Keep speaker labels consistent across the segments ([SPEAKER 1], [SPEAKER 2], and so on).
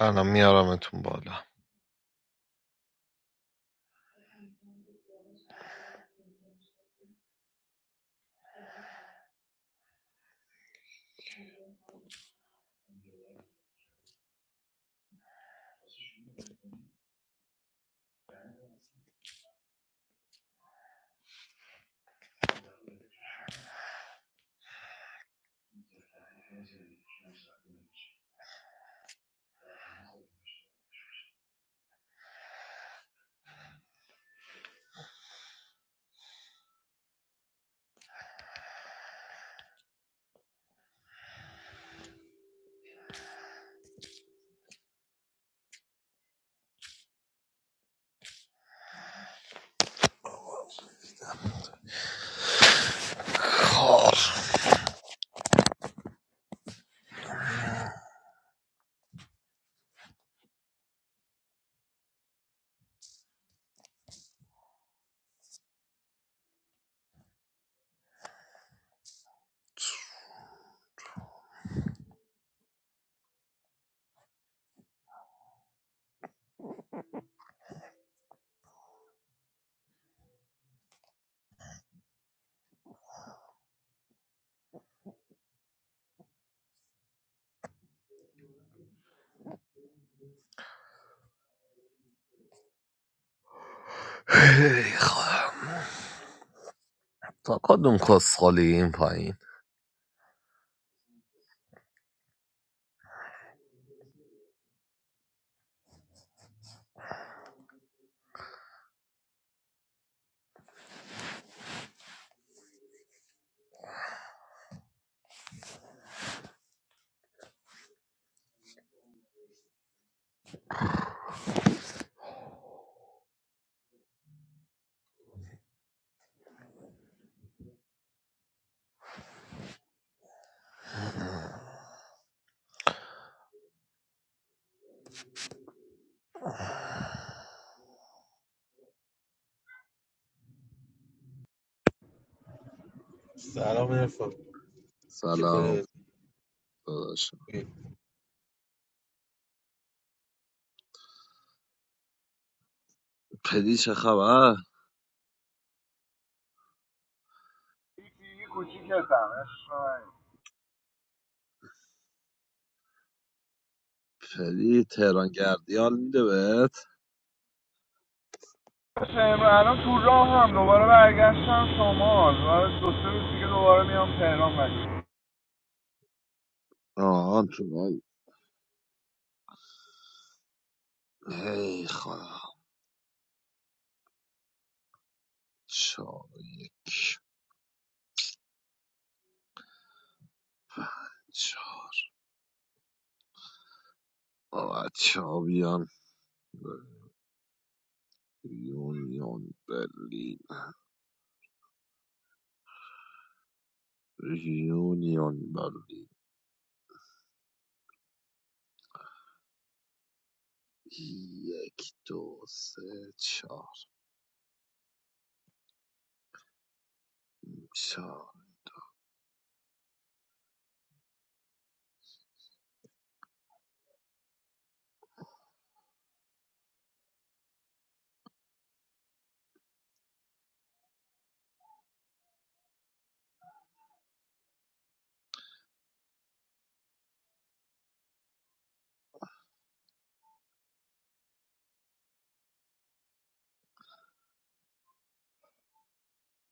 [SPEAKER 1] الان میارمتون بالا کار هی خواهم. تا کدوم کسخالی این پایین
[SPEAKER 2] سلام ارفان چطوری؟
[SPEAKER 1] سلام داداشم پدی چه خبر
[SPEAKER 3] I'm
[SPEAKER 1] پدی تهران گردیال میده بهت
[SPEAKER 3] not sure. I'm not sure.
[SPEAKER 1] آهان تو بای ای خدا چهار چهار بابا چابیان یونیون برلین یونیون برلین یک دو سه چهار چهار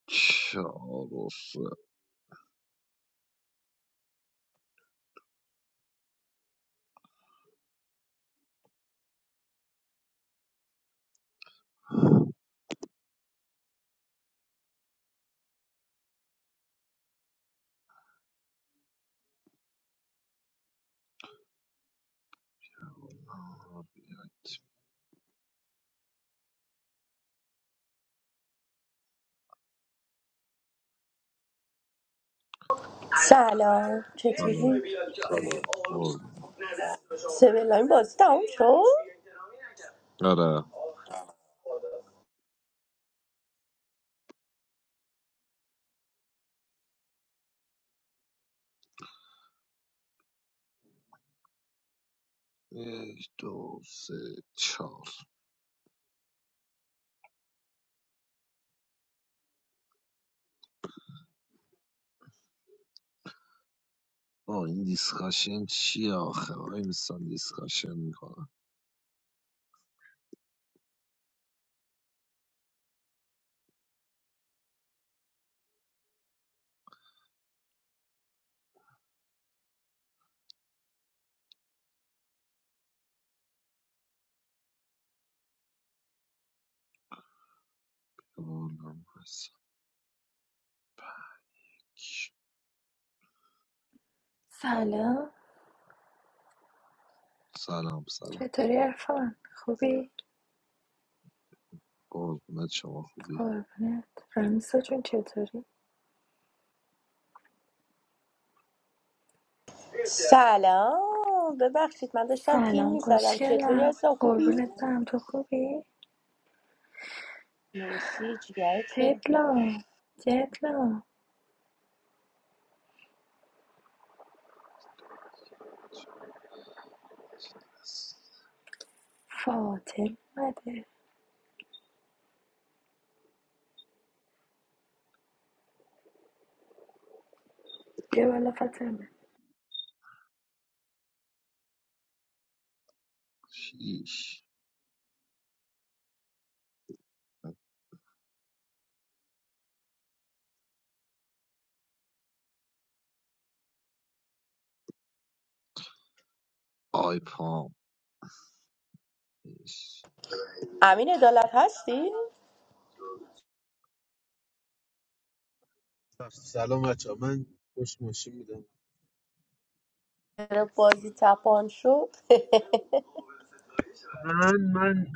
[SPEAKER 1] چهار و سه
[SPEAKER 4] Sala, che tu?
[SPEAKER 1] سلام سلام قربون.
[SPEAKER 4] Se vela un basta un show.
[SPEAKER 1] آره یک دو سه چهار با این دیسکاشن چیه آخه وای میستم دیسکاشن میکنم
[SPEAKER 5] سلام
[SPEAKER 1] سلام سلام
[SPEAKER 5] چطوری عرفان خوبی
[SPEAKER 1] قربونت شما خوبی
[SPEAKER 5] قربونت رمیسا جون چطوری
[SPEAKER 4] Sala, be baxhit, manda shem pin
[SPEAKER 5] سلام
[SPEAKER 4] mi salam che tuja
[SPEAKER 5] خوشگلم
[SPEAKER 4] zahubi.
[SPEAKER 5] قربونت برم تو خوبی
[SPEAKER 4] Musi djayto.
[SPEAKER 5] پدلا جدلا فاطم اومده بیا بالا فاطمه
[SPEAKER 1] شیش آی پام شیش.
[SPEAKER 4] Amin e dalat hshi?
[SPEAKER 2] سلام بچه ها. من پشت ماشین بودم
[SPEAKER 4] Ero bazi taapan shod.
[SPEAKER 2] من من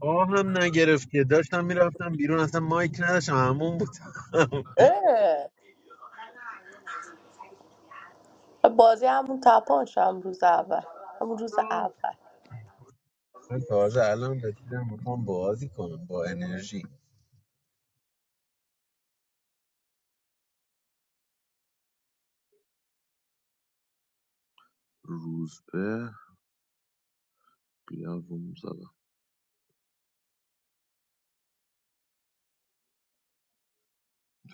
[SPEAKER 2] آهم نگرفت که داشتم میرفتم بیرون اصلا مایک نداشتم همون بودم
[SPEAKER 4] Eh, bazi hamu taapan sham bruzava. Hamu bruzava.
[SPEAKER 2] من تازه الان رسیدم میخوام بازی کنم با انرژی
[SPEAKER 1] روزبه بیا روم زدم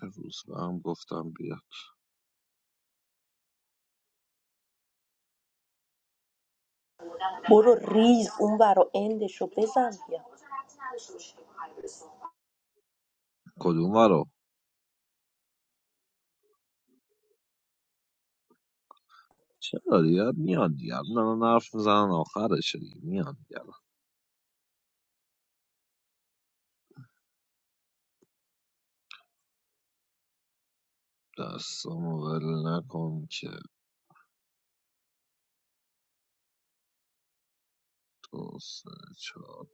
[SPEAKER 1] به روزبه هم گفتم بیا
[SPEAKER 4] Boro riz umbaro ende shopezavja.
[SPEAKER 1] کدوم رو چرا دیگه میان دیگه نه نه حرف میزنن آخرشه دیگه میان دیگه. دستامو ول نکن که دو سه چهار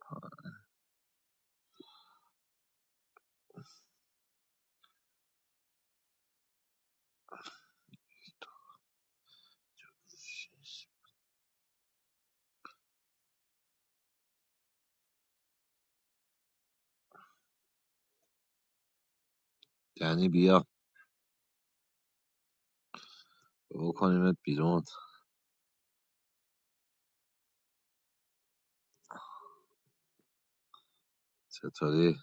[SPEAKER 1] شیش. یعنی بیا بکنیمت بیرون چطوری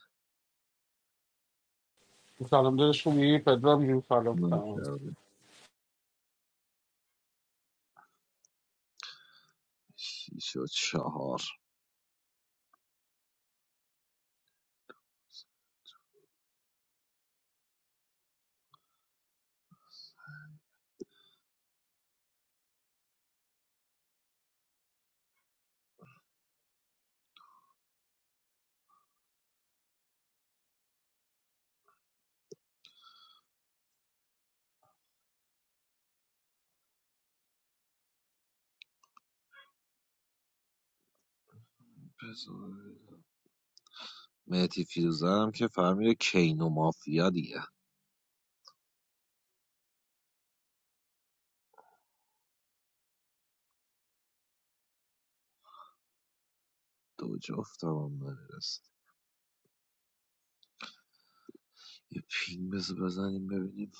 [SPEAKER 6] سلام دادش خوبی پدرام جون سلام سلام
[SPEAKER 1] نکردی شیش و چهار بزار مهدی فیروزه هم که فهمیده کینو مافیا دیگه دو جفت هم نمیرسه یه پینگ بزن بزنیم ببینیم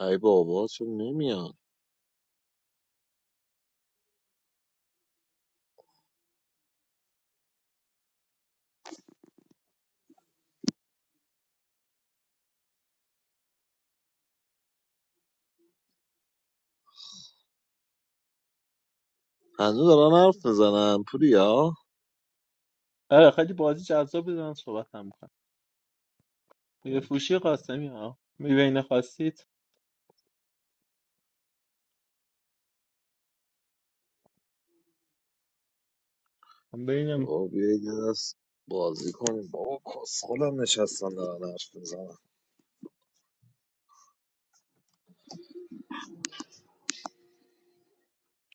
[SPEAKER 1] ای بابا چون نمیان هنوز دارن حرف میزنن پوریا
[SPEAKER 7] آره خیلی بازی جذاب بود من صحبت هم میکنم یه
[SPEAKER 1] خب،
[SPEAKER 7] فوشی قاسمی ها میبینه خواستید من ببینم
[SPEAKER 1] بابا بیا یه دست بازی کنیم بابا کسخل هم نشستن دارن حرف میزنن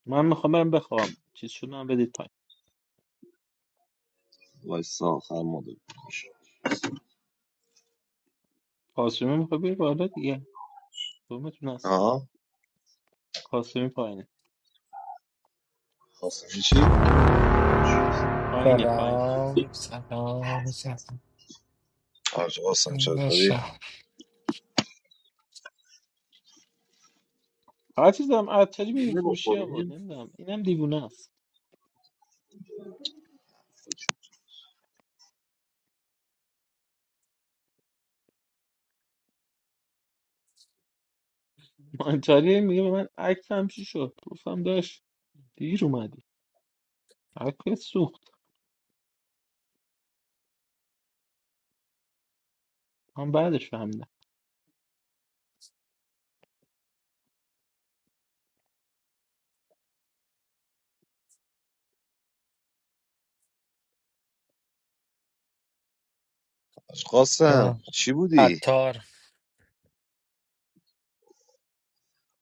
[SPEAKER 7] من میخوام برم بخوام چیز شد من بدید پایین
[SPEAKER 1] وایسا آخر مدل بکش
[SPEAKER 7] قاسمی میخوام بیر بالا دیگه دومتون هست
[SPEAKER 1] ها
[SPEAKER 7] قاسمی پایینه
[SPEAKER 1] قاسمی چی؟
[SPEAKER 7] پایینه پایین
[SPEAKER 8] سلام سلام سلام
[SPEAKER 1] حاج قاسم چطوری؟
[SPEAKER 8] شهر
[SPEAKER 7] هر چیز هم عطاری میبینه
[SPEAKER 1] نون
[SPEAKER 7] فروشی ها بود
[SPEAKER 1] بخوریم؟
[SPEAKER 7] نمیدونم اینم دیوونه است مانتاری میگه به من عکس هم چی شد گفتم داشت دیر اومدی عکس سوخت من بعدش فهمیدم
[SPEAKER 1] حاج قاسم چی بودی؟
[SPEAKER 8] عطار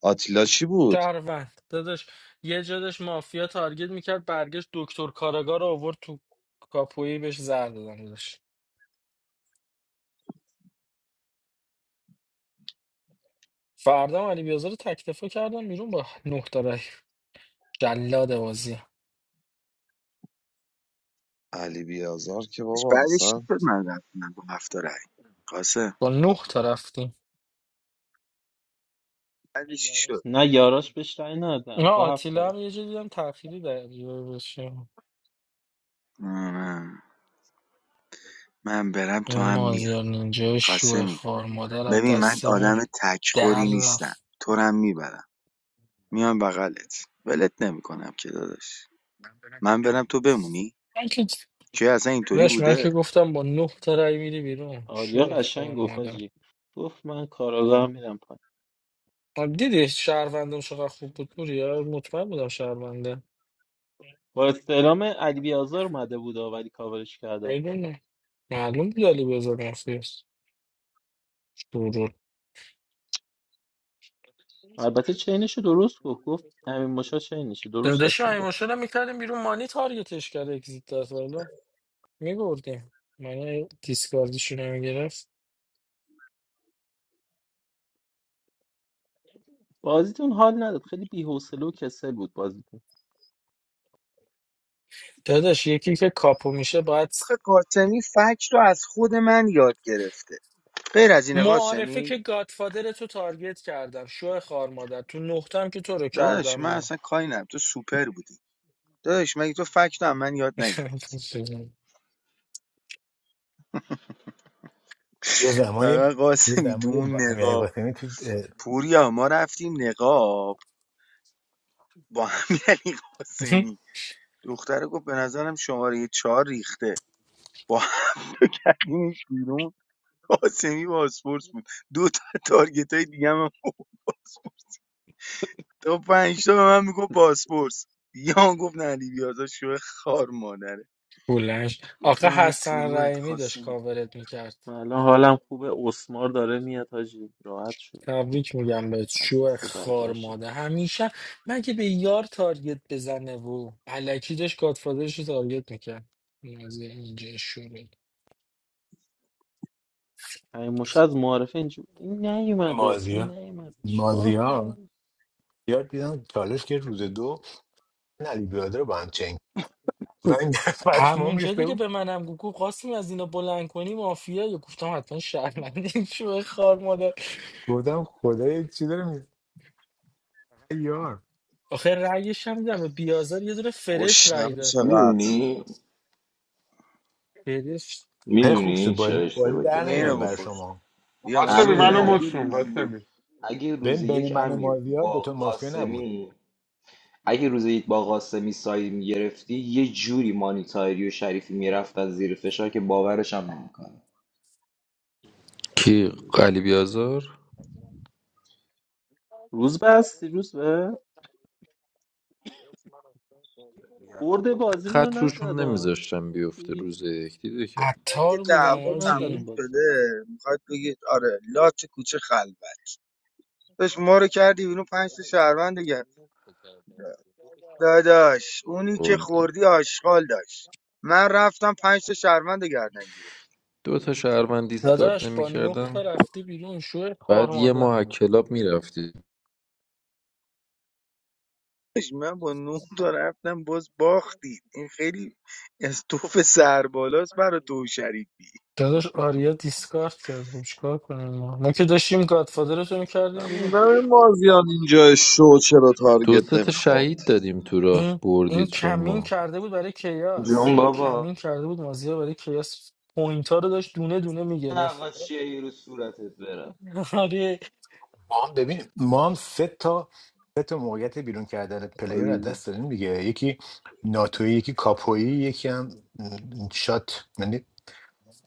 [SPEAKER 1] آتیلا چی بود؟
[SPEAKER 8] شهروند داداش یه جادش مافیا تارگت میکرد برگشت دکتر کاراگا رو آورد تو کاپویی بهش زر دادم داداش فردا هم علی بیازار رو تکتفا کردم بیرون با نه تا رای جلاد بازی
[SPEAKER 1] علی بیازار که
[SPEAKER 9] بعدش
[SPEAKER 1] بابا
[SPEAKER 9] بعدش چی
[SPEAKER 1] اصلا
[SPEAKER 9] شد من رفتم با هفت تا رأی قاسم
[SPEAKER 8] با نه تا رفتیم
[SPEAKER 9] بعدش چی شد
[SPEAKER 7] نه یاراش بهش رأی
[SPEAKER 8] نه
[SPEAKER 7] ندادم با هفت
[SPEAKER 8] آتیلا هم
[SPEAKER 7] طرف
[SPEAKER 8] یه جا دیدم تأخیری در بشه
[SPEAKER 9] مم من برم تو
[SPEAKER 8] این
[SPEAKER 9] هم میای
[SPEAKER 8] مازیار نینجا شوه
[SPEAKER 9] قاسمی
[SPEAKER 8] خار مادر از
[SPEAKER 9] ببین من
[SPEAKER 8] دستمون
[SPEAKER 9] آدم
[SPEAKER 8] در
[SPEAKER 9] تکخوری نیستم
[SPEAKER 8] رفت
[SPEAKER 9] تو رو هم میبرم
[SPEAKER 8] من
[SPEAKER 9] میام بغلت ولت نمیکنم که داداش من برم تو بمونی
[SPEAKER 8] که
[SPEAKER 9] که اصلا اینطوری
[SPEAKER 8] داداش، من
[SPEAKER 9] بوده
[SPEAKER 8] که گفتم با نه تا رای میری بیرون شو
[SPEAKER 7] آریا قشنگ
[SPEAKER 8] اخبار
[SPEAKER 7] گفت
[SPEAKER 8] مادر
[SPEAKER 7] آجی گفت من کاراگاه میرم پایین
[SPEAKER 8] آه، دیدی شهروندم چقدر خوب بود پوریا مطمئن بودم شهرونده
[SPEAKER 7] با استعلام علی بیازار اومده بود و ولی کاورش کرده
[SPEAKER 8] بدون معلوم بود علی بزرگ مافیاست شورول
[SPEAKER 7] البته چینش درست گفت گفت همین مشا چینشه درست
[SPEAKER 8] داداش
[SPEAKER 7] داشت میگفت
[SPEAKER 8] ایموشن رو میکردیم بیرون مانی تارگتش کرد اگزیت داد والا میبردیم مانی دیسکاردشون رو میگرفت
[SPEAKER 7] بازیتون حال نداد خیلی بی‌حوصله و کسل بود بازیتون
[SPEAKER 8] داداش یکی که کاپو میشه باید
[SPEAKER 9] آخه قاسمی فکر رو از خود من یاد گرفته غیر از این
[SPEAKER 8] معارفه
[SPEAKER 9] قاسمی
[SPEAKER 8] که گادفادر تو تارگت کردم شو خار مادر تو نقطم که تو رو
[SPEAKER 9] داداش
[SPEAKER 8] کردم
[SPEAKER 9] من
[SPEAKER 8] بیرون
[SPEAKER 9] اصلا کاری ندارم تو سوپر بودی داداش مگه تو فکر رو هم من یاد نگرفتی
[SPEAKER 10] یه زمانی
[SPEAKER 9] فقط
[SPEAKER 10] یه
[SPEAKER 9] قاسمی
[SPEAKER 10] زمانی با
[SPEAKER 9] دون نقاب
[SPEAKER 10] امیرعلی قاسمی تو اه،
[SPEAKER 9] پوریا ما رفتیم نقاب با امیرعلی قاسمی دختره گفت به نظرم شماره چهار ریخته با هم تو کردیمش بیرون قاسمی باسپورس بود دو تا تارگت های دیگه هم باسپورس تا پنج تا به من میگفت باسپورس دیگه هم گفت نه علی بیازا شو خار مادره
[SPEAKER 8] بلنش آخه
[SPEAKER 9] گفتم ای تو
[SPEAKER 8] حسن
[SPEAKER 9] روحت
[SPEAKER 8] رحیمی داشت
[SPEAKER 9] قاسمی
[SPEAKER 8] کاورت میکرد
[SPEAKER 7] من الان حالم خوبه اسمار داره میاد حاجی راحت شد
[SPEAKER 8] تبریک میگم بهت
[SPEAKER 7] از
[SPEAKER 8] شو
[SPEAKER 7] دست بعد
[SPEAKER 8] خار
[SPEAKER 7] هاشه
[SPEAKER 8] مادر همیشه من که به یار تارگت بزنه و علکی داشت گادفادرش رو تارگت میکرد اینجا شوره
[SPEAKER 7] همین مشا از معارفه اینجا بود این نیومده اون
[SPEAKER 10] مازیا
[SPEAKER 7] نیومده چیکار
[SPEAKER 10] مازیا
[SPEAKER 7] کنم
[SPEAKER 10] یاد دیدم چالش که روز دو این علی بیاده رو با هم چنگ و این پشمام
[SPEAKER 8] همون جدی
[SPEAKER 10] ریخته
[SPEAKER 8] که
[SPEAKER 10] بود
[SPEAKER 8] به منم گفت گفت قاسم از اینا بلند کنی مافیا یا گفتم حتما شهروندی شو خار مادر
[SPEAKER 10] گفتم خدا یک چی داره میگه یار
[SPEAKER 8] آخه رأیش هم میدم بیازار یه دونه فرش رأی
[SPEAKER 1] گشنمه
[SPEAKER 8] داد
[SPEAKER 1] چقدر
[SPEAKER 11] میدونی
[SPEAKER 8] فرش
[SPEAKER 10] هی خوب شد
[SPEAKER 11] میدونی چرا
[SPEAKER 10] بازی, بازی
[SPEAKER 11] اشتباه
[SPEAKER 10] در
[SPEAKER 9] بیا
[SPEAKER 10] نمیاد
[SPEAKER 9] اینو
[SPEAKER 10] بر
[SPEAKER 11] کردی
[SPEAKER 9] بخور
[SPEAKER 10] شما
[SPEAKER 9] بیا ما
[SPEAKER 6] قاسمی
[SPEAKER 10] بین
[SPEAKER 9] سفره
[SPEAKER 6] منو
[SPEAKER 11] امیر
[SPEAKER 10] من
[SPEAKER 11] اگه
[SPEAKER 9] انداخت
[SPEAKER 6] مطمئن
[SPEAKER 11] روزی
[SPEAKER 6] قاسمی
[SPEAKER 11] یک اگه روزی
[SPEAKER 10] بین, بین
[SPEAKER 11] یک
[SPEAKER 10] من و
[SPEAKER 11] امیر
[SPEAKER 10] مازیار
[SPEAKER 11] با
[SPEAKER 10] دوتا مافیا نبود
[SPEAKER 11] قاسمی اگه روزی یک با قاسمی سایه میگرفتی یه جوری مانیتاری و شریفی میرفتن زیر فشار که باورش هم نمیکنه
[SPEAKER 12] کی علی بیازار
[SPEAKER 7] روز بستی روز به برد بازیمون رو
[SPEAKER 12] خط روشون
[SPEAKER 7] نزد ها.
[SPEAKER 12] نمیذاشتم بیفته
[SPEAKER 7] دیدی
[SPEAKER 12] روز یک دیده که
[SPEAKER 9] که
[SPEAKER 8] عطار بودم
[SPEAKER 7] برد
[SPEAKER 9] دعوا
[SPEAKER 7] رو نزد
[SPEAKER 8] آجی
[SPEAKER 9] تموم
[SPEAKER 7] اون بازی
[SPEAKER 9] شده میخواد بگید آره لات کوچه خلوت. داشت ما رو کردی بیرون پنج تا شهروند دیگه داداش اونی که
[SPEAKER 12] بردی
[SPEAKER 9] خوردی آشغال داشت من رفتم پنج تا شهروند گردن گرفت
[SPEAKER 12] دو تا شهروند دیسکارد
[SPEAKER 8] داداش با نه تا
[SPEAKER 12] نمیکردن
[SPEAKER 8] رفتی بیرون شو کار
[SPEAKER 12] بعد یه
[SPEAKER 8] مادر
[SPEAKER 12] ماه از کلاب میرفتی
[SPEAKER 9] من با نه تا رفتم باز باختید این خیلی از توف سربالاست برا تو شریفی
[SPEAKER 8] داداش آریا دیسکارد کرد خب چیکار کنیم ما ما که داشتیم گادفادر رو
[SPEAKER 1] من
[SPEAKER 8] میکردیم بیرون
[SPEAKER 1] موندم این مازیان اینجا شو چرا
[SPEAKER 12] دو
[SPEAKER 1] تارگت
[SPEAKER 12] سه تا
[SPEAKER 1] نمیخواد
[SPEAKER 12] شهید دادیم تو راه
[SPEAKER 8] این این
[SPEAKER 12] بردید
[SPEAKER 8] کمین
[SPEAKER 12] شما
[SPEAKER 8] کرده بود برای کیاس
[SPEAKER 11] جون
[SPEAKER 8] این
[SPEAKER 11] بابا
[SPEAKER 8] کمین کرده بود مازیار برای کیاس پوینت ها رو داشت دونه دونه میگرفت
[SPEAKER 11] نقاشی یه رو صورتت برم
[SPEAKER 8] آره
[SPEAKER 10] ما هم ببین ما هم سه تا سه تا موقعیت بیرون کردن پلیر رو از دست دادیم دیگه یکی ناتوی یکی کاپویی یکی هم م، شات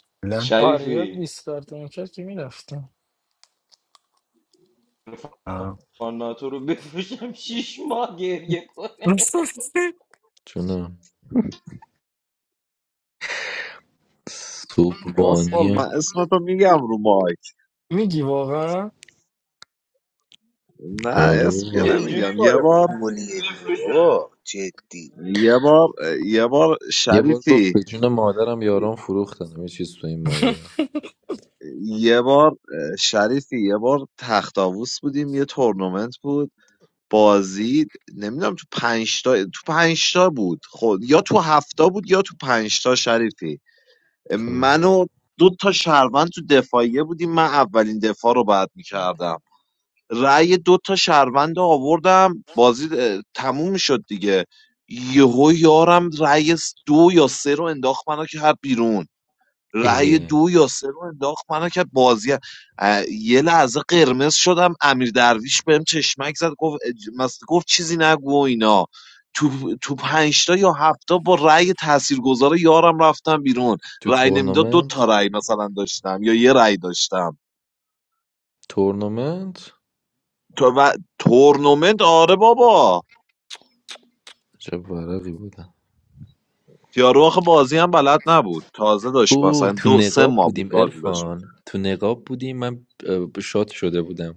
[SPEAKER 10] یعنی
[SPEAKER 8] آریا
[SPEAKER 11] شریفی
[SPEAKER 8] دیسکارد میکرد که میرفتم
[SPEAKER 10] uh,
[SPEAKER 11] فاناتو رو بفروشم شیش ماه گریه کنه
[SPEAKER 12] جونم
[SPEAKER 1] کاسفال من
[SPEAKER 12] سوبانیه
[SPEAKER 1] اسمتو میگم رو مایک
[SPEAKER 8] میگی واقعا
[SPEAKER 1] نه
[SPEAKER 12] آره
[SPEAKER 1] اسم که
[SPEAKER 12] بابا.
[SPEAKER 11] یه
[SPEAKER 9] خیلی
[SPEAKER 11] جوری
[SPEAKER 1] نمیگم یه
[SPEAKER 9] کار
[SPEAKER 11] بیرون
[SPEAKER 1] بار
[SPEAKER 11] از این
[SPEAKER 9] فولیه دیگه
[SPEAKER 11] بفروشم
[SPEAKER 9] بابا جدی
[SPEAKER 1] یه بار یه بار
[SPEAKER 12] یه بار گفت
[SPEAKER 1] شریفی
[SPEAKER 12] به جون مادرم یاران فروختنم یه چیز تو این مایه
[SPEAKER 1] یه بار اه، شریفی یه بار تخت آووس بودیم یه تورنمنت بود بازی نمیدونم تو پنج تا تو پنج تا بود خود یا تو هفتا بود یا تو پنج تا شریفی
[SPEAKER 12] خب.
[SPEAKER 1] من و دو تا شهروند تو دفاعیه بودیم من اولین دفاع رو بعد میکردم رأی دو تا شهروند رو آوردم بازی اه، تموم شد دیگه یهو یارم رأی س- دو یا سه رو انداخت منو کرد بیرون رأی
[SPEAKER 12] اه.
[SPEAKER 1] دو یاسر رو انداخت منو که بازی اه، یه لحظه قرمز شدم امیر درویش بهم چشمک زد گفت اج- مس- گفت چیزی نگو و اینا تو تو پنج تا یا هفتا با رأی تاثیرگذار یارم رفتم بیرون
[SPEAKER 12] تو
[SPEAKER 1] رأی نمیداد دو تا
[SPEAKER 12] تورنمنت
[SPEAKER 1] رأی مثلا داشتم یا یه رأی داشتم
[SPEAKER 12] تورنمنت
[SPEAKER 1] تو و تورنمنت آره بابا
[SPEAKER 12] چه ورقی بودم
[SPEAKER 1] یارو آخه بازی هم بلد نبود تازه داشت مثلا
[SPEAKER 12] اوه تو
[SPEAKER 1] دو سه
[SPEAKER 12] نقاب
[SPEAKER 1] ماه بود
[SPEAKER 12] بودیم
[SPEAKER 1] بازی داشت می‌کرد.
[SPEAKER 12] ارفان تو نقاب بودیم من اه، شاد شده بودم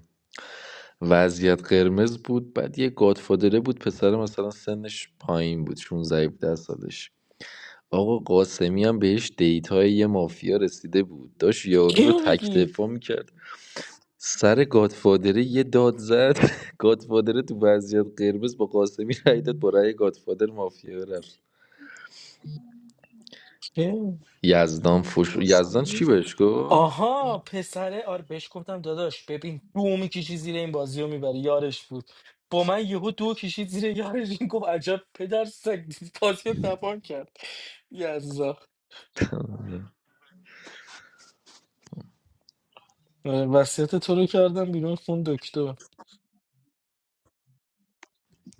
[SPEAKER 12] وضعیت قرمز بود بعد یه گادفادره بود پسر مثلا سنش پایین بود 16 17 سالش آقا قاسمی هم بهش دیتای یه مافیا رسیده بود داشت یارو رو
[SPEAKER 8] کیو
[SPEAKER 12] تک
[SPEAKER 8] میگی
[SPEAKER 12] دفاع میکرد سر گادفادره یه داد زد گادفادره تو وضعیت قرمز با قاسمی رای داد با رای گادفادر مافیا رفت
[SPEAKER 8] کیو؟
[SPEAKER 12] یزدان فش... یزدان چی بهش گفت
[SPEAKER 8] آها پسره آره بهش گفتم داداش ببین دو میکشی زیر این بازی رو میبری یارش بود با من یهو دو کشید زیر یارش این گفت عجب پدر سگ بازی رو تپان کرد یزا آره، وصیت تو رو کردم بیرون خون دکتر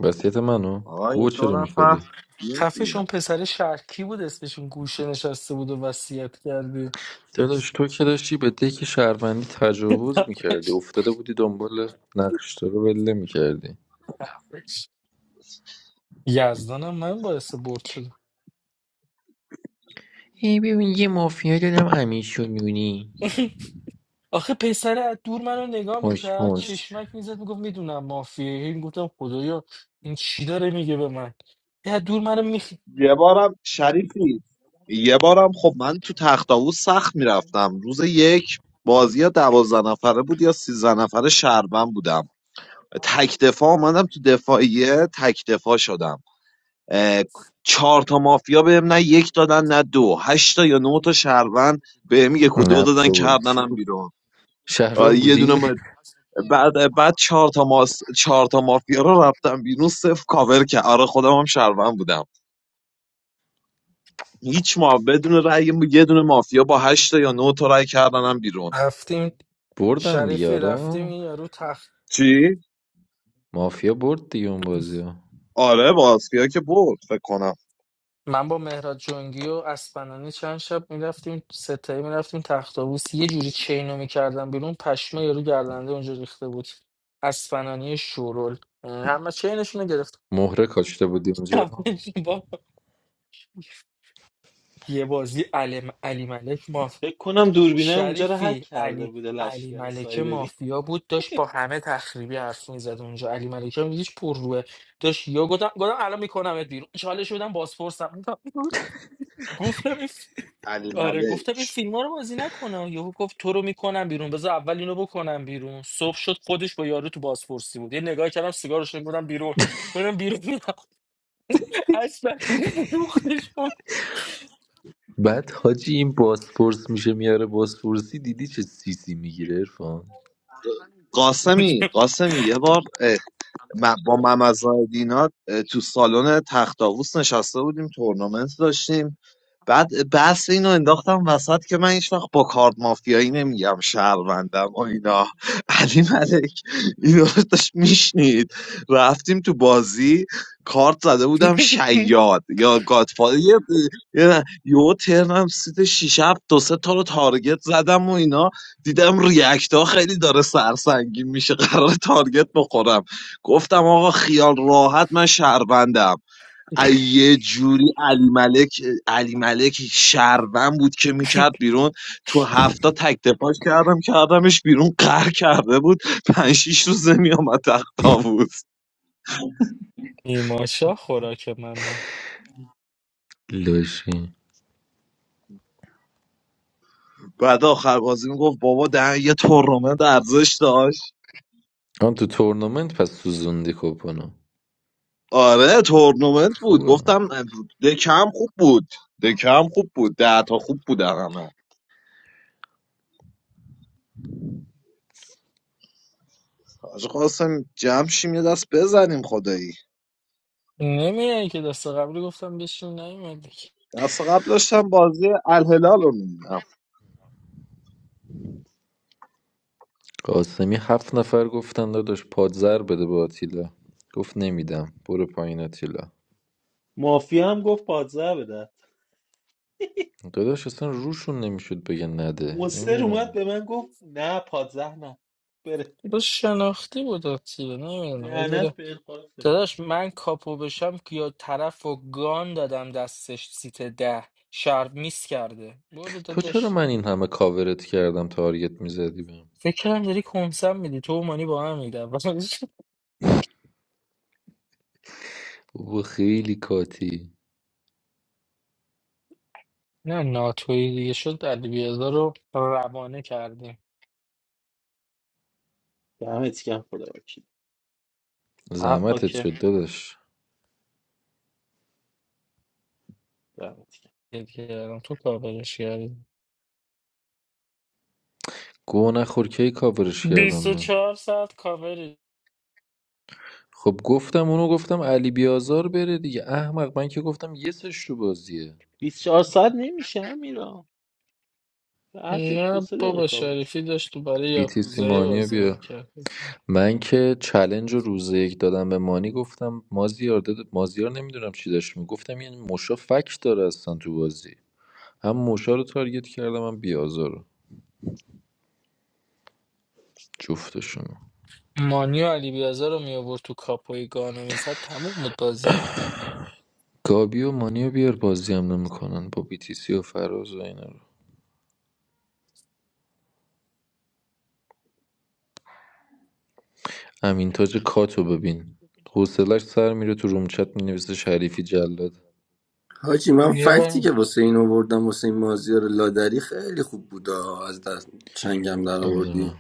[SPEAKER 12] وصیت منو
[SPEAKER 1] آقا یه
[SPEAKER 12] گوه
[SPEAKER 1] دو
[SPEAKER 12] چرا
[SPEAKER 1] نفر
[SPEAKER 12] میخوری
[SPEAKER 1] یه دیگه
[SPEAKER 8] خفش اون پسر شرکی بود اسمشون گوشه نشسته بود و وصیت کردی
[SPEAKER 12] داداش تو که داشتی به دک شهروندی تجاوز میکردی
[SPEAKER 8] خفش.
[SPEAKER 12] افتاده بودی دنبال نقشتا رو بله میکردی
[SPEAKER 8] خفش. یزدانم من باعث برد شدم
[SPEAKER 12] ای ببین یه مافیا دادم امیشو میبینی
[SPEAKER 8] آخه پسر از دور منو نگاه
[SPEAKER 12] پشت
[SPEAKER 8] میکرد
[SPEAKER 12] پشت
[SPEAKER 8] چشمک میزد میگفت میدونم مافیه این گفتم خدایا این چی داره میگه به من یه از دور منو میخ
[SPEAKER 1] یه بارم شریفی یه بارم خب من تو تخت سخت میرفتم روز یک بازی یا دوازده نفره بود یا سیزده نفره شهربن بودم تک دفاع آمدم تو دفاعیه تک دفاع شدم اه، چهار تا مافیا بهم نه یک دادن نه دو هشت تا یا نه تا شهروند بهم یک و دو
[SPEAKER 12] نه
[SPEAKER 1] دادن
[SPEAKER 12] بابا چی
[SPEAKER 1] کردنم
[SPEAKER 12] بود
[SPEAKER 1] بیرون آه،
[SPEAKER 12] شهروند
[SPEAKER 1] یه
[SPEAKER 12] بودی
[SPEAKER 1] دونه بعد بعد چهار تا ماس... چهار تا مافیا رو رفتم بیرون صفر کاور که آره خودم هم شهروند بودم هیچ ما بدون رأی یه دونه مافیا با هشت یا نه تا رأی کردنم بیرون
[SPEAKER 8] رفتیم
[SPEAKER 12] بردن
[SPEAKER 8] شریفی رفتیم
[SPEAKER 12] دیاره
[SPEAKER 8] این یارو تخت
[SPEAKER 1] چی
[SPEAKER 12] مافیا برد دیگه اون بازی ها
[SPEAKER 1] آره مافیا که برد فکر کنم
[SPEAKER 8] من با مهراد جنگی و اسپنانی چند شب میرفتیم ستایی میرفتیم تخت آبوس یه جوری چینو میکردم بیرون پشمه یارو گردنده اونجا ریخته بود اسپنانی شورول همه چینشونو گرفت
[SPEAKER 12] مهره کاشته بودی اونجا
[SPEAKER 8] با یه بازی علم علی ملک
[SPEAKER 7] فکر کنم دوربینه اونجا رو هک
[SPEAKER 8] شریفی
[SPEAKER 7] کرده
[SPEAKER 8] علی
[SPEAKER 7] بوده
[SPEAKER 8] علی
[SPEAKER 7] لشکر
[SPEAKER 8] ملکه
[SPEAKER 7] سایبری
[SPEAKER 8] مافیا بود داشت با همه تخریبی حرف میزد اونجا علی ملکه هم هیچ پر روه داشت یا گفتم گفتم الان میکنمت بیرون چالش بدم بازپرسم گفتم این ف-
[SPEAKER 1] علی
[SPEAKER 8] آره گفتم
[SPEAKER 1] ملک
[SPEAKER 8] این فیلم رو بازی نکنم یهو گفت تو رو میکنم بیرون بذار اول اینو بکنم بیرون صبح شد خودش با یارو تو بازپرسی بود یه نگاه کردم سیگارش بودم بیرون بودم بیرون اصلا فروختش
[SPEAKER 12] بعد حاجی این باسپورس میشه میاره باسپورسی دیدی چه سیسی میگیره ارفان
[SPEAKER 1] قاسمی قاسمی یه بار اه، م- با ممزادینات تو سالن تخت نشسته بودیم تورنمنت داشتیم بعد بحث اینو انداختم وسط که من هیچ وقت با کارت مافیایی نمیگم شهروندم و اینا علی ملک اینو داشت میشنید رفتیم تو بازی کارت زده بودم شیاد یا گادفادر یه یه یهو ترنم سیت شیش هفت دو سه تا رو تارگت زدم و اینا دیدم ریاکت ها خیلی داره سرسنگین میشه قرار تارگت بخورم گفتم آقا خیال راحت من شهروندم ای یه جوری علی ملک علی ملک شهروند بود که میکرد بیرون تو هفته تک دفاعش کردم کردمش بیرون قهر کرده بود پنج شیش روزه میامد تختا بود
[SPEAKER 8] نیماشا خوراک منه
[SPEAKER 12] لاشی
[SPEAKER 1] بعد آخر بازی میگفت بابا ده یه تورنمنت ارزش داشت
[SPEAKER 12] آن تو تورنمنت پس سوزوندی کپانو
[SPEAKER 1] آره تورنمنت بود
[SPEAKER 12] خوبه
[SPEAKER 1] گفتم دکم خوب بود دکم خوب بود ده تا خوب بود همه حاج قاسم جمع شیم یه دست بزنیم خدایی
[SPEAKER 8] نمیای که دست قبلی گفتم بشین نیومدی
[SPEAKER 1] دست قبل داشتم بازی الهلال رو می‌دیدم.
[SPEAKER 12] قاسمی هفت نفر گفتن داداش پادزر بده به آتیلا گفت نمیدم برو پایین آتیلا
[SPEAKER 7] مافیا هم گفت پادزه بده
[SPEAKER 12] داداش اصلا روشون نمیشد بگن نده
[SPEAKER 7] مستر
[SPEAKER 12] نمیدونم
[SPEAKER 7] اومد
[SPEAKER 12] این
[SPEAKER 7] به من گفت نه پادزه نه بره
[SPEAKER 8] با شناختی بود آتیه نمیدونم یه ذره-
[SPEAKER 7] لعنت به الخارج
[SPEAKER 8] داداش من کاپو بشم که یا طرف و گان دادم دستش سیت ده شهر میس کرده برو
[SPEAKER 12] تو چرا
[SPEAKER 8] داداش
[SPEAKER 12] من این همه کاورت کردم تارگت میزدی بهم
[SPEAKER 8] فکرم داری کنسم میدی تو و مانی با هم میدم
[SPEAKER 12] بابا خیلی کاتی
[SPEAKER 8] نه ناتوی دیگه شد علی بیازار رو روانه کردیم
[SPEAKER 7] دمت گرم خدا وکیل حقا
[SPEAKER 12] زحمتت
[SPEAKER 7] که
[SPEAKER 12] شد داداش
[SPEAKER 7] دمت گرم
[SPEAKER 8] دل کردم تو کاورش کردیم
[SPEAKER 12] گو نخور کی کاورش کردم من
[SPEAKER 8] 24 ساعت کاوری
[SPEAKER 12] خب گفتم اونو گفتم علی بیازار بره دیگه احمق من که گفتم یه سش تو بازیه
[SPEAKER 7] 24 ساعت نمیشه هم میرم هر دو
[SPEAKER 8] نه
[SPEAKER 7] سه دقیقه
[SPEAKER 8] بابا
[SPEAKER 7] کابش
[SPEAKER 8] شریفی داشت تو برای
[SPEAKER 12] بیتی
[SPEAKER 8] یاکوزایی
[SPEAKER 12] سیمانیو
[SPEAKER 8] بازی
[SPEAKER 12] بیا
[SPEAKER 8] میکرد
[SPEAKER 12] من که چلنج رو روز یک دادم به مانی گفتم مازیار داد- مازیار نمیدونم چی داشت میگفتم یعنی موشا فکت داره اصلا تو بازی هم موشا رو تارگت کردم هم بیازار رو جفتشون
[SPEAKER 8] مانی و علی بیازار رو می آورد تو کاپوی گانو میزد تموم بود بازی
[SPEAKER 12] گابی و مانی رو بیار بازی هم نمیکنن با بیتیسی و فراز و اینا رو امین تاج کاتو ببین حوصلش سر میره تو رومچت مینویسه شریفی جلاد
[SPEAKER 13] حاجی من
[SPEAKER 8] یه
[SPEAKER 13] فکتی
[SPEAKER 8] بار
[SPEAKER 13] که واسه این آوردم واسه این مازیار لادری خیلی خوب بوده از دست چنگم در
[SPEAKER 12] آره
[SPEAKER 13] آوردی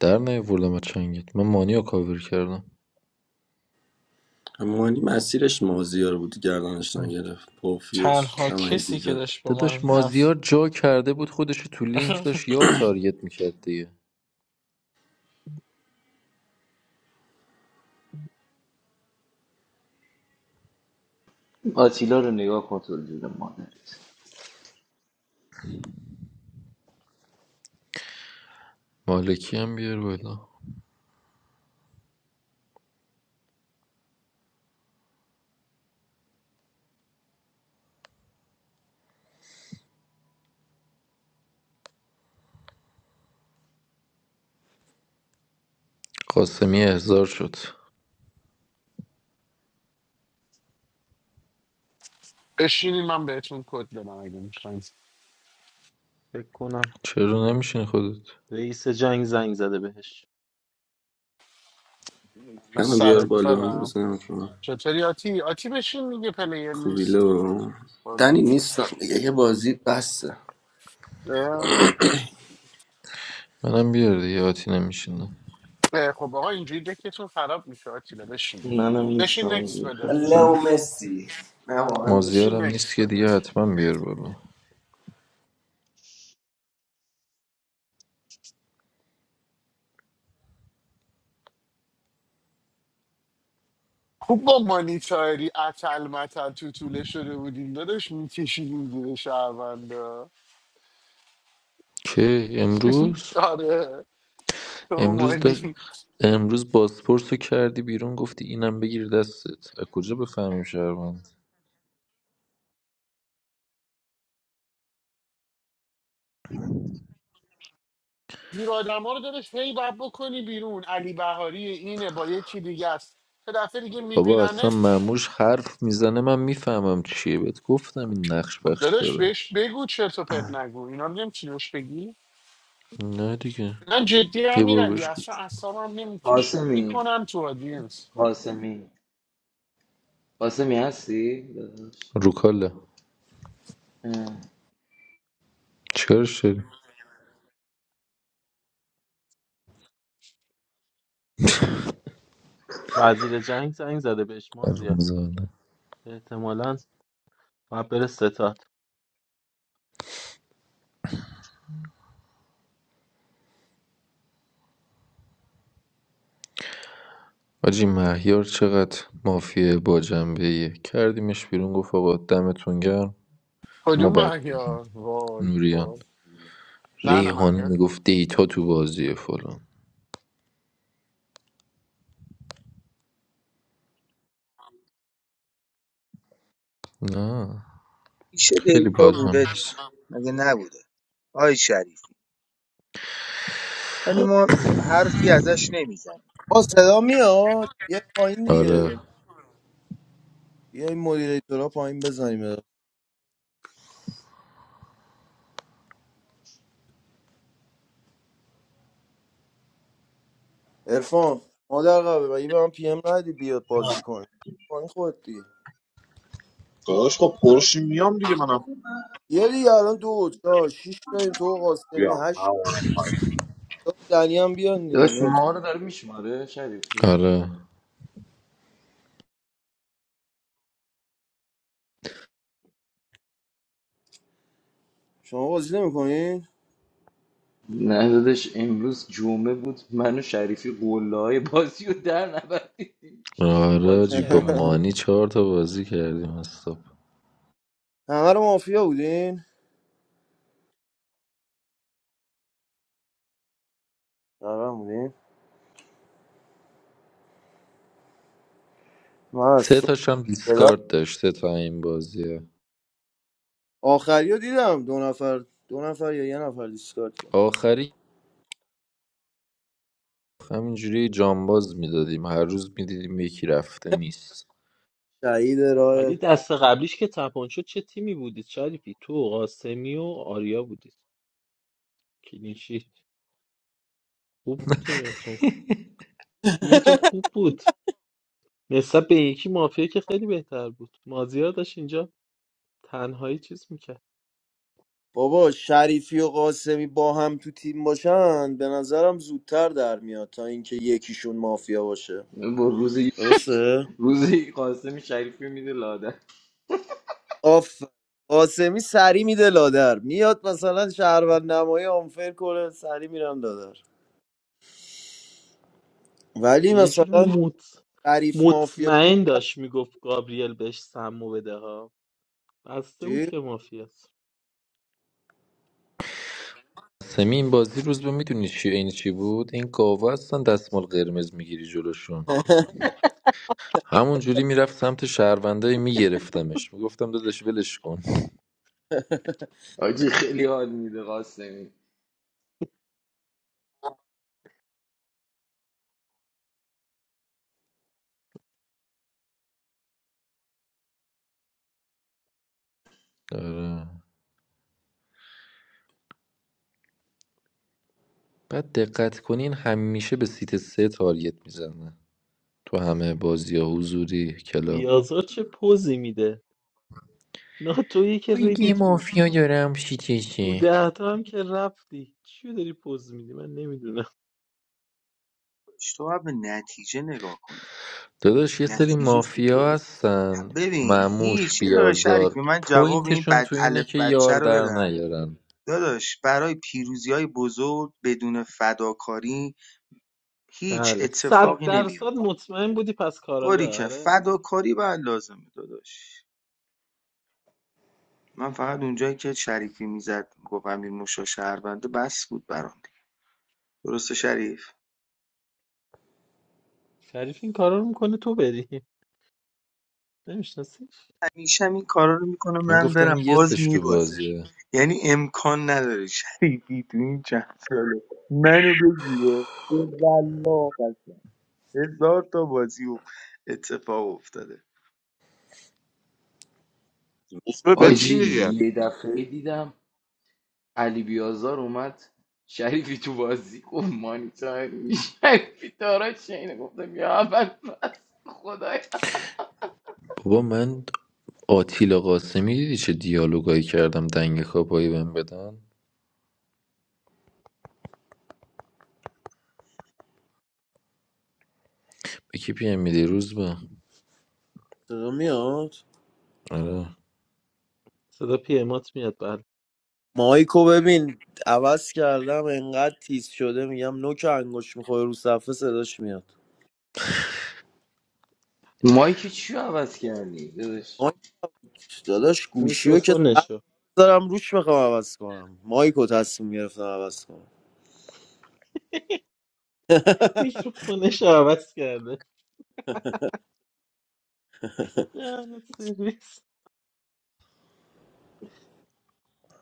[SPEAKER 12] در نیاوردم از چنگت من مانی رو کاور کردم
[SPEAKER 13] همانی مسیرش مازیار بود گردنش نگرفت پوفیوس
[SPEAKER 8] تنها
[SPEAKER 13] نه من
[SPEAKER 8] کسی
[SPEAKER 13] گیر
[SPEAKER 8] که
[SPEAKER 13] داد
[SPEAKER 8] داشت با
[SPEAKER 12] داداش
[SPEAKER 8] من حرف
[SPEAKER 12] مازیار جا کرده بود خودش رو تو لینک داشت یار تارگت میکرد دیگه
[SPEAKER 11] آتیلا رو نگاه کن تو جون مادرت
[SPEAKER 12] مالکی هم بیار بالا قاسمی احضار شد
[SPEAKER 6] بشینین من بهتون کد بدم اگه میخواین
[SPEAKER 7] فکر کنم
[SPEAKER 12] چرا نمیشین خودت
[SPEAKER 7] رئیس جنگ زنگ زده بهش
[SPEAKER 6] من
[SPEAKER 13] منو
[SPEAKER 6] سر
[SPEAKER 13] بیار بالا هم
[SPEAKER 6] کارم
[SPEAKER 13] بزنم تو
[SPEAKER 6] چطوری آتی آتی بشین میگه پلیر
[SPEAKER 13] خوبی
[SPEAKER 6] نیست
[SPEAKER 13] لو دنی
[SPEAKER 6] قربون.
[SPEAKER 13] نیستم دیگه یه بازی بسته
[SPEAKER 6] اه؟
[SPEAKER 12] منم بیار دیگه آتی نمیشینه
[SPEAKER 6] اه، خب آقا اینجوری دکتون خراب میشه آتیلا بشین دیگه.
[SPEAKER 11] منم نیستم
[SPEAKER 6] بشین نکس
[SPEAKER 11] اونجوری
[SPEAKER 6] بده
[SPEAKER 13] لو
[SPEAKER 11] خستم
[SPEAKER 13] مسی نه واقعا
[SPEAKER 6] بشین
[SPEAKER 13] نیستم
[SPEAKER 12] مازیارم نیست
[SPEAKER 6] نکس
[SPEAKER 12] که
[SPEAKER 6] بده
[SPEAKER 12] دیگه حتما بیار بالا
[SPEAKER 6] خوب با مانیتاری اتل متل تو طوله شده بودیم داداش میکشیدیم زیر شهروندا
[SPEAKER 12] که امروز
[SPEAKER 6] آره تو
[SPEAKER 12] امروز در
[SPEAKER 6] مانی
[SPEAKER 12] امروز بازپرس رو کردی بیرون گفتی اینم بگیر دستت از کجا بفهمیم شهروند
[SPEAKER 6] این آدم ها رو دارش هی باید بکنی بیرون علی بهاری اینه با یه چی دیگه است یه دفعه دیگه
[SPEAKER 12] بابا اصلا
[SPEAKER 6] میبیننت
[SPEAKER 12] معموش حرف میزنه من میفهمم چیه بهت گفتم این نقش
[SPEAKER 6] خب
[SPEAKER 12] بخش
[SPEAKER 6] داداش
[SPEAKER 12] داره
[SPEAKER 6] بهش بگو چرت و پرت نگو اینا رو نمی‌تونی بهش بگی
[SPEAKER 12] نه دیگه
[SPEAKER 6] من جدی هم
[SPEAKER 12] یه بار
[SPEAKER 6] میرم
[SPEAKER 12] بهش گفت
[SPEAKER 6] اصلا اعصابم نمیکشه
[SPEAKER 11] قاسمی
[SPEAKER 6] میکنم تو آدینس
[SPEAKER 11] قاسمی قاسمی هستی داداش
[SPEAKER 12] روکاله
[SPEAKER 11] اه.
[SPEAKER 12] چرا
[SPEAKER 7] وزیر جنگ زنگ زده بهش ما زیاد
[SPEAKER 12] شدی
[SPEAKER 7] احتمالاً باید بره ستاد.
[SPEAKER 12] حاجی مهیار چقدر مافیه با جنبه کردیمش بیرون گفت آقا دمتون گرم ما
[SPEAKER 6] کدوم
[SPEAKER 12] بد بودیم
[SPEAKER 6] محیا وای وای
[SPEAKER 12] نوریان
[SPEAKER 6] نه
[SPEAKER 12] ریحانه
[SPEAKER 6] نه
[SPEAKER 12] میگفت دیتا تو بازیه فلان نه
[SPEAKER 9] پیش
[SPEAKER 12] خیلی
[SPEAKER 9] دیتا
[SPEAKER 12] بازم
[SPEAKER 9] بوده
[SPEAKER 12] نیست
[SPEAKER 9] دیگه مگه نبوده آی شریفی ولی ما حرفی ازش نمیزنیم
[SPEAKER 14] آه صدا میاد یه پایین
[SPEAKER 12] آره
[SPEAKER 14] دیگه بیا این مدیریتورا پایین بزنیم ارفان مادر قبل مگه به من پی ام ندی بیاد بازی کن پایین خود دیگه
[SPEAKER 1] داداش خب پرشی میام دیگه منم
[SPEAKER 14] یه دیگه الان دو چهار شیش داریم تو و قاسمی
[SPEAKER 1] بیام من
[SPEAKER 14] هشت
[SPEAKER 1] اومدم پایین
[SPEAKER 14] تا دنی هم بیان دیگه
[SPEAKER 11] داداش
[SPEAKER 14] نوت
[SPEAKER 11] ما رو داره میشماره شریفی
[SPEAKER 12] آره
[SPEAKER 14] شما بازی نمیکنین
[SPEAKER 11] نه داداش امروز جمعه بود من و شریفی قله های بازی رو در نبردیم شیش تا
[SPEAKER 12] آره
[SPEAKER 11] بازی
[SPEAKER 12] جی با
[SPEAKER 11] کردیم از تو
[SPEAKER 12] مانی چهار تا بازی کردیم اصلا
[SPEAKER 14] همه رو مافیا بودین همه بودین من از
[SPEAKER 12] سه
[SPEAKER 14] صبح
[SPEAKER 12] تاش هم
[SPEAKER 14] یه دفعه-
[SPEAKER 12] دیسکارد داشت سه تا این بازیه
[SPEAKER 14] آخری رو دیدم دو نفر دو نفر یا یه نفر دیسکارد کرد
[SPEAKER 12] آخری همینجوری جانباز میدادیم هر روز میدیدیم یکی رفته نیست
[SPEAKER 14] شهید راه
[SPEAKER 7] ولی دست قبلیش که تپان شد چه تیمی بودید شریفی تو و قاسمی و آریا بودید کلینشیت خوب بود تیمتون تیمتون خوب بود نسبت به یکی مافیا که خیلی بهتر بود مازیار داشت اینجا تنهایی چیز میکرد
[SPEAKER 14] بابا شریفی و قاسمی با هم تو تیم باشن به نظرم زودتر در میاد تا اینکه یکیشون مافیا باشه
[SPEAKER 11] با روز
[SPEAKER 14] درسته
[SPEAKER 11] روز قاسمی شریفی میده لاده
[SPEAKER 14] آف قاسمی سری میده لادر میاد مثلا شهروند نمایی آنفر کنه سری میرم لادر ولی
[SPEAKER 7] یه جوری
[SPEAKER 14] مثلا
[SPEAKER 7] مط...
[SPEAKER 14] شریف مافیا
[SPEAKER 7] مطمئن داشت میگفت گابریل بهش سمو بده ها بسته بود
[SPEAKER 14] چی؟
[SPEAKER 7] که مافیاست
[SPEAKER 12] سمی این بازی روز به میدونی چی این چی بود این گاوا هستن دستمال قرمز میگیری جلوشون همون جوری میرفت سمت شهروندای میگرفتمش میگفتم داداش ولش کن
[SPEAKER 11] آجی خیلی حال میده قاسمی
[SPEAKER 12] آره. بعد دقت کنین همیشه به سیت سه تارگت میزنه تو همه بازی ها حضوری کلاب
[SPEAKER 7] بیازار چه پوزی میده ناتویی که
[SPEAKER 12] من
[SPEAKER 7] ریدی
[SPEAKER 12] یه
[SPEAKER 7] توش
[SPEAKER 12] مافیا دارم
[SPEAKER 7] تو
[SPEAKER 12] شیکشی
[SPEAKER 7] دهتا هم که رفتی چی داری پوز میدی من نمیدونم
[SPEAKER 9] تو هم به نتیجه نگاه کنی
[SPEAKER 12] داداش یه سری
[SPEAKER 9] نتیجه چی شد؟
[SPEAKER 12] مافیا هستن
[SPEAKER 9] ببین
[SPEAKER 12] معموش
[SPEAKER 9] هیچ یه داره
[SPEAKER 12] بیازار
[SPEAKER 9] شریفی من جواب این
[SPEAKER 12] پوینتشون
[SPEAKER 9] بد
[SPEAKER 12] تو اینه
[SPEAKER 9] الف
[SPEAKER 12] که
[SPEAKER 9] بچه
[SPEAKER 12] یار
[SPEAKER 9] رو
[SPEAKER 12] در
[SPEAKER 9] بدم
[SPEAKER 12] نیارن
[SPEAKER 9] داداش برای پیروزی های بزرگ بدون فداکاری هیچ
[SPEAKER 7] بله صد
[SPEAKER 9] اتفاقی
[SPEAKER 7] درصد
[SPEAKER 9] نمیفته
[SPEAKER 7] مطمئن بودی پس
[SPEAKER 9] باری
[SPEAKER 7] کاراگاه
[SPEAKER 9] که
[SPEAKER 7] آره
[SPEAKER 9] فداکاری باید لازمه داداش من فقط اونجایی که شریفی میزد گفت امیر موشا شهربنده بس بود برام دیگه. درسته شریف
[SPEAKER 7] شریف این کارا رو میکنه تو بری نمیشناسی
[SPEAKER 9] همیشه هم این کارا رو میکنه
[SPEAKER 12] من
[SPEAKER 9] من
[SPEAKER 12] گفتم
[SPEAKER 9] برم
[SPEAKER 12] یه
[SPEAKER 9] باز
[SPEAKER 12] سش تو
[SPEAKER 9] میبازه
[SPEAKER 12] بازیه
[SPEAKER 9] یعنی امکان نداره شریفی تو این چند ساله منو بگیره هزار تا بازی و اتفاق افتاده
[SPEAKER 1] روز به بچین
[SPEAKER 11] آجی
[SPEAKER 1] دیگه
[SPEAKER 11] یه دفعه دیدم علی بیازار اومد شریفی تو بازی گفت مانیتار شریفی دارا چینه گفتم یا اول بس خدایا
[SPEAKER 12] بابا من آتیلا قاسمی دیدی چه دیالوگایی کردم دنگ کاپایی بهم بدن به کی پیم میدی روز به
[SPEAKER 14] صدا میاد
[SPEAKER 12] آره
[SPEAKER 7] صدا پیمات میاد بله
[SPEAKER 14] مایکو ببین عوض کردم انقدر تیز شده میگم نوک انگوش میخوره رو صفحه صداش میاد
[SPEAKER 11] مایک چی رو عوض کردی داداش
[SPEAKER 14] مایک داداش گوشی که
[SPEAKER 7] میکروفونشو
[SPEAKER 14] دارم روش میخوام عوض کنم مایکو تصمیم گرفتم عوض کنم
[SPEAKER 7] میکروفونشو عوض کرده لعنت سرویس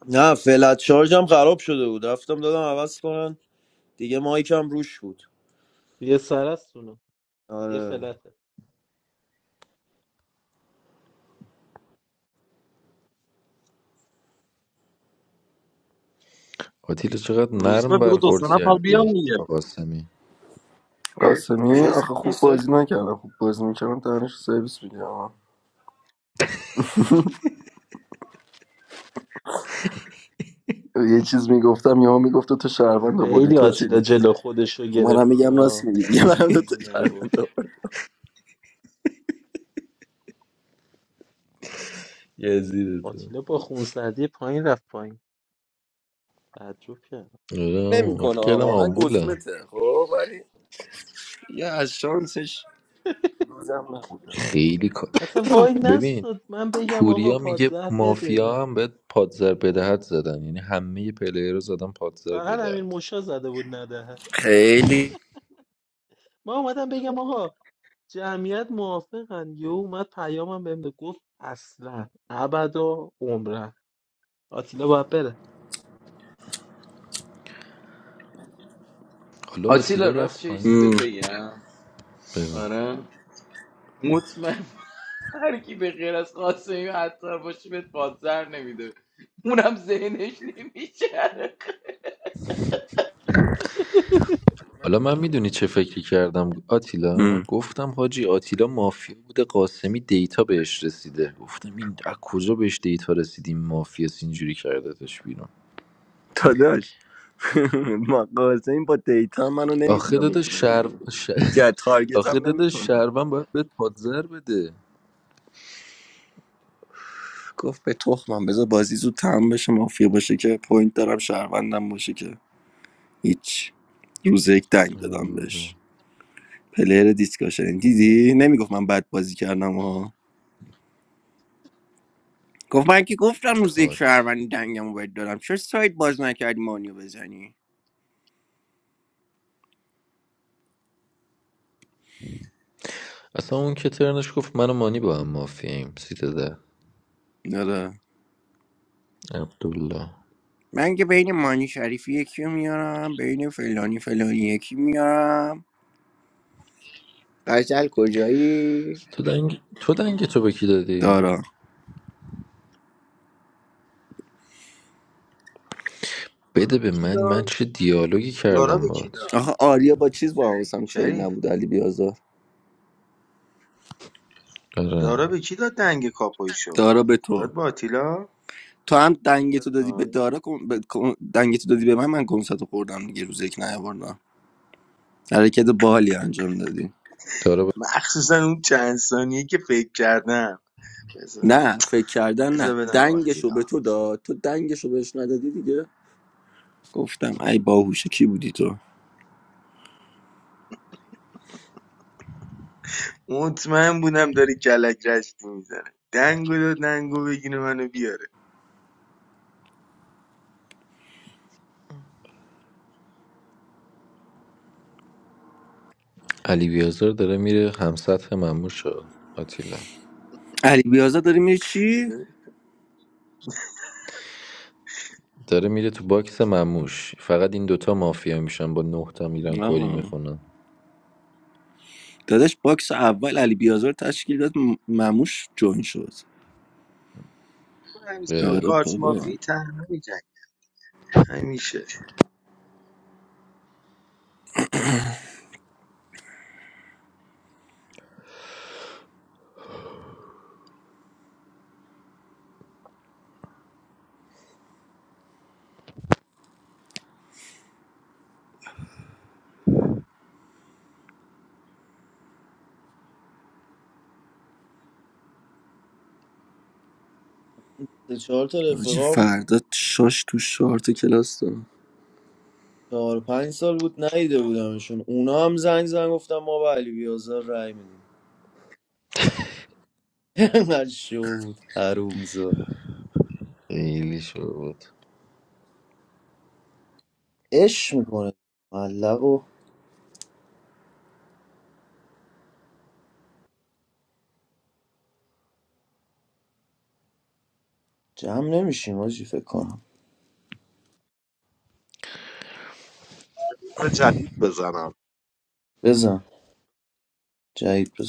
[SPEAKER 14] نه فلت شارژم خراب شده بود رفتم دادم عوض کنن دیگه مایکم روش بود
[SPEAKER 7] یه سر است اونو یه
[SPEAKER 14] آره
[SPEAKER 7] فلته
[SPEAKER 12] آتیلا چقدر
[SPEAKER 1] روز به
[SPEAKER 12] نرم
[SPEAKER 1] بگو دو سه
[SPEAKER 12] برخورد
[SPEAKER 1] نفر
[SPEAKER 12] کردی
[SPEAKER 1] بیام دیگه
[SPEAKER 12] با قاسمی
[SPEAKER 13] قاسمی
[SPEAKER 14] کسی
[SPEAKER 13] آخه خوب
[SPEAKER 14] نیست آجی.
[SPEAKER 13] بازی نکردم خوب بازی میکردم دانش سرویس میگم یه چیز میگفتم یا میگفت تو شهروند آوردی
[SPEAKER 7] خیلی
[SPEAKER 13] تو چی
[SPEAKER 7] آتیلا
[SPEAKER 13] میگی
[SPEAKER 7] جلو خودشو
[SPEAKER 13] خب منم
[SPEAKER 7] گرفت
[SPEAKER 13] میگم راست
[SPEAKER 7] آه.
[SPEAKER 13] میگی دیگه منم دو تا
[SPEAKER 7] چیزی
[SPEAKER 13] شهروند
[SPEAKER 7] نگفت
[SPEAKER 12] یزید تو
[SPEAKER 7] آتیلا با خونسردی پایین رفت پایین تعجب کرد
[SPEAKER 12] آره عمو. من
[SPEAKER 13] نمیکنه
[SPEAKER 12] فکر کردم
[SPEAKER 13] واقعا
[SPEAKER 12] آمبوله
[SPEAKER 13] گزمته خب ولی یه از شانسش روزم نبودم
[SPEAKER 12] خیلی کا-
[SPEAKER 7] اصلا
[SPEAKER 12] ف-
[SPEAKER 7] وای
[SPEAKER 12] ببین
[SPEAKER 7] نستد من بگم آقا
[SPEAKER 12] پوریا میگه
[SPEAKER 7] پادزهر بده
[SPEAKER 12] مافیا هم
[SPEAKER 7] نده
[SPEAKER 12] بهت پادزر بدهد زدن یعنی همه پلیر رو زدن پادزر
[SPEAKER 7] فقط امیر
[SPEAKER 12] بدهد
[SPEAKER 7] موشا زده بود نده
[SPEAKER 13] خیلی
[SPEAKER 7] ما اومدم بگم آقا جمعیت موافقن یه اومد پیامم بهم داد. گفت اصلا ابدا عمرن آتیلا باید
[SPEAKER 12] حالا
[SPEAKER 11] آتیلا
[SPEAKER 12] آتیلا
[SPEAKER 11] راست
[SPEAKER 12] رفت
[SPEAKER 11] چه چیزی بهت
[SPEAKER 12] پایین
[SPEAKER 13] مم.
[SPEAKER 11] بگم آره مطمئن هر کی به غیر از قاسمی حتی باشه بهت پادزر نمیده اونم ذهنش نمیشه
[SPEAKER 7] بره
[SPEAKER 12] حالا من میدونی چه فکری کردم آتیلا
[SPEAKER 13] مم.
[SPEAKER 12] گفتم حاجی آتیلا مافیا بوده قاسمی دیتا بهش رسیده گفتم این از کجا بهش دیتا رسیدیم مافیا اینجوری کردتش بیرون
[SPEAKER 13] داداش مقاسه این با دیتا منو
[SPEAKER 12] آخه
[SPEAKER 13] نمیتونه
[SPEAKER 12] داده
[SPEAKER 13] بکنه
[SPEAKER 12] شر...
[SPEAKER 13] بیرون
[SPEAKER 12] ش...
[SPEAKER 13] که تارگت
[SPEAKER 12] آخه
[SPEAKER 13] هم
[SPEAKER 12] داده
[SPEAKER 13] نمیکنه
[SPEAKER 12] شربن باید بهت پادزر بده
[SPEAKER 13] گفت به تخمم بذار بازی زود تمام بشه مافیا باشه که پوینت دارم شهروندم باشه که هیچ روز یک دنگ دادم
[SPEAKER 12] آره.
[SPEAKER 13] بهش پلیر دیسکاشن دیدی نمیگفت من بد بازی کردم ها گفت من که گفتم روز یک
[SPEAKER 12] کات
[SPEAKER 13] شهروندی دنگمو بهت دادم چرا سایت باز نکردی مانیو بزنی
[SPEAKER 12] اصلا اون که ترنش گفت من و مانی با هم مافیاییم سیت ده
[SPEAKER 13] دادا
[SPEAKER 12] عبدالله
[SPEAKER 13] من که بین مانی شریفی یکی رو میارم بین فلانی فلانی یکی میارم قجل کجایی
[SPEAKER 12] تو دنگ تو دنگ تو به کی دادی
[SPEAKER 13] دارا
[SPEAKER 9] دارا
[SPEAKER 12] بده
[SPEAKER 9] به
[SPEAKER 12] به
[SPEAKER 9] کی
[SPEAKER 12] من من
[SPEAKER 9] داد
[SPEAKER 12] چه دیالوگی
[SPEAKER 9] دارا
[SPEAKER 12] کردم
[SPEAKER 9] به کی
[SPEAKER 12] باهات
[SPEAKER 9] داد
[SPEAKER 13] آخه آریا با چیز با حواسم چین
[SPEAKER 9] شریف
[SPEAKER 13] نبود علی بیازار
[SPEAKER 12] آره
[SPEAKER 9] دارا به کی داد دنگ کاپویشو
[SPEAKER 13] دارا به تو
[SPEAKER 9] داد با آتیلا
[SPEAKER 13] تو هم دنگتو
[SPEAKER 9] داد به
[SPEAKER 13] دادی به
[SPEAKER 9] من؟
[SPEAKER 13] دارا کن- به- کن- دنگتو دادی به من من کنساتو خوردم دیگه روز یک نیاوردم حرکت باحالی انجام دادی
[SPEAKER 12] داره
[SPEAKER 9] مخصوصا اون چند ثانیه که فکر کردم بذار
[SPEAKER 13] نه فکر کردن
[SPEAKER 9] بذار
[SPEAKER 13] نه
[SPEAKER 9] بدم به
[SPEAKER 13] دنگشو
[SPEAKER 9] آتیلا
[SPEAKER 13] به تو داد تو دنگشو بهش ندادی دیگه گفتم ای باهوشه کی بودی تو
[SPEAKER 9] مطمئن بودم داری کلک رشتی میزنه دنگو داد دنگو بگیره منو بیاره
[SPEAKER 12] علی بیازار داره میره همسطح مموش ها، آتیلا
[SPEAKER 13] علی بیازار داری میری چی
[SPEAKER 9] من
[SPEAKER 12] داره میره تو باکس مموش فقط این دوتا مافیا میشن با نه تا میرن کری
[SPEAKER 13] آه.
[SPEAKER 12] میخونن
[SPEAKER 13] داداش باکس اول علی بیازار تشکیل داد م- مموش جوین شد
[SPEAKER 9] همیشه با
[SPEAKER 12] اه،
[SPEAKER 13] آره
[SPEAKER 9] کارت
[SPEAKER 13] بابا
[SPEAKER 9] مافی تنها می‌جنگم. همیشه
[SPEAKER 14] سه چهار تا
[SPEAKER 13] حاجی
[SPEAKER 14] رفقام
[SPEAKER 13] فردا شاش تو شارت کلاس داد
[SPEAKER 14] چهار پنج سال بود ندیده بودمشون اونا هم زنگ زنگ گفتم ما به علی بیازار رأی میدیم انقدر شو بود حرومزاد
[SPEAKER 12] خیلی شد
[SPEAKER 14] عشق میکنه ملق و جمع نمیشیم آجی فکر کنم
[SPEAKER 1] روز جدید بزنم
[SPEAKER 14] بزن جدید بزن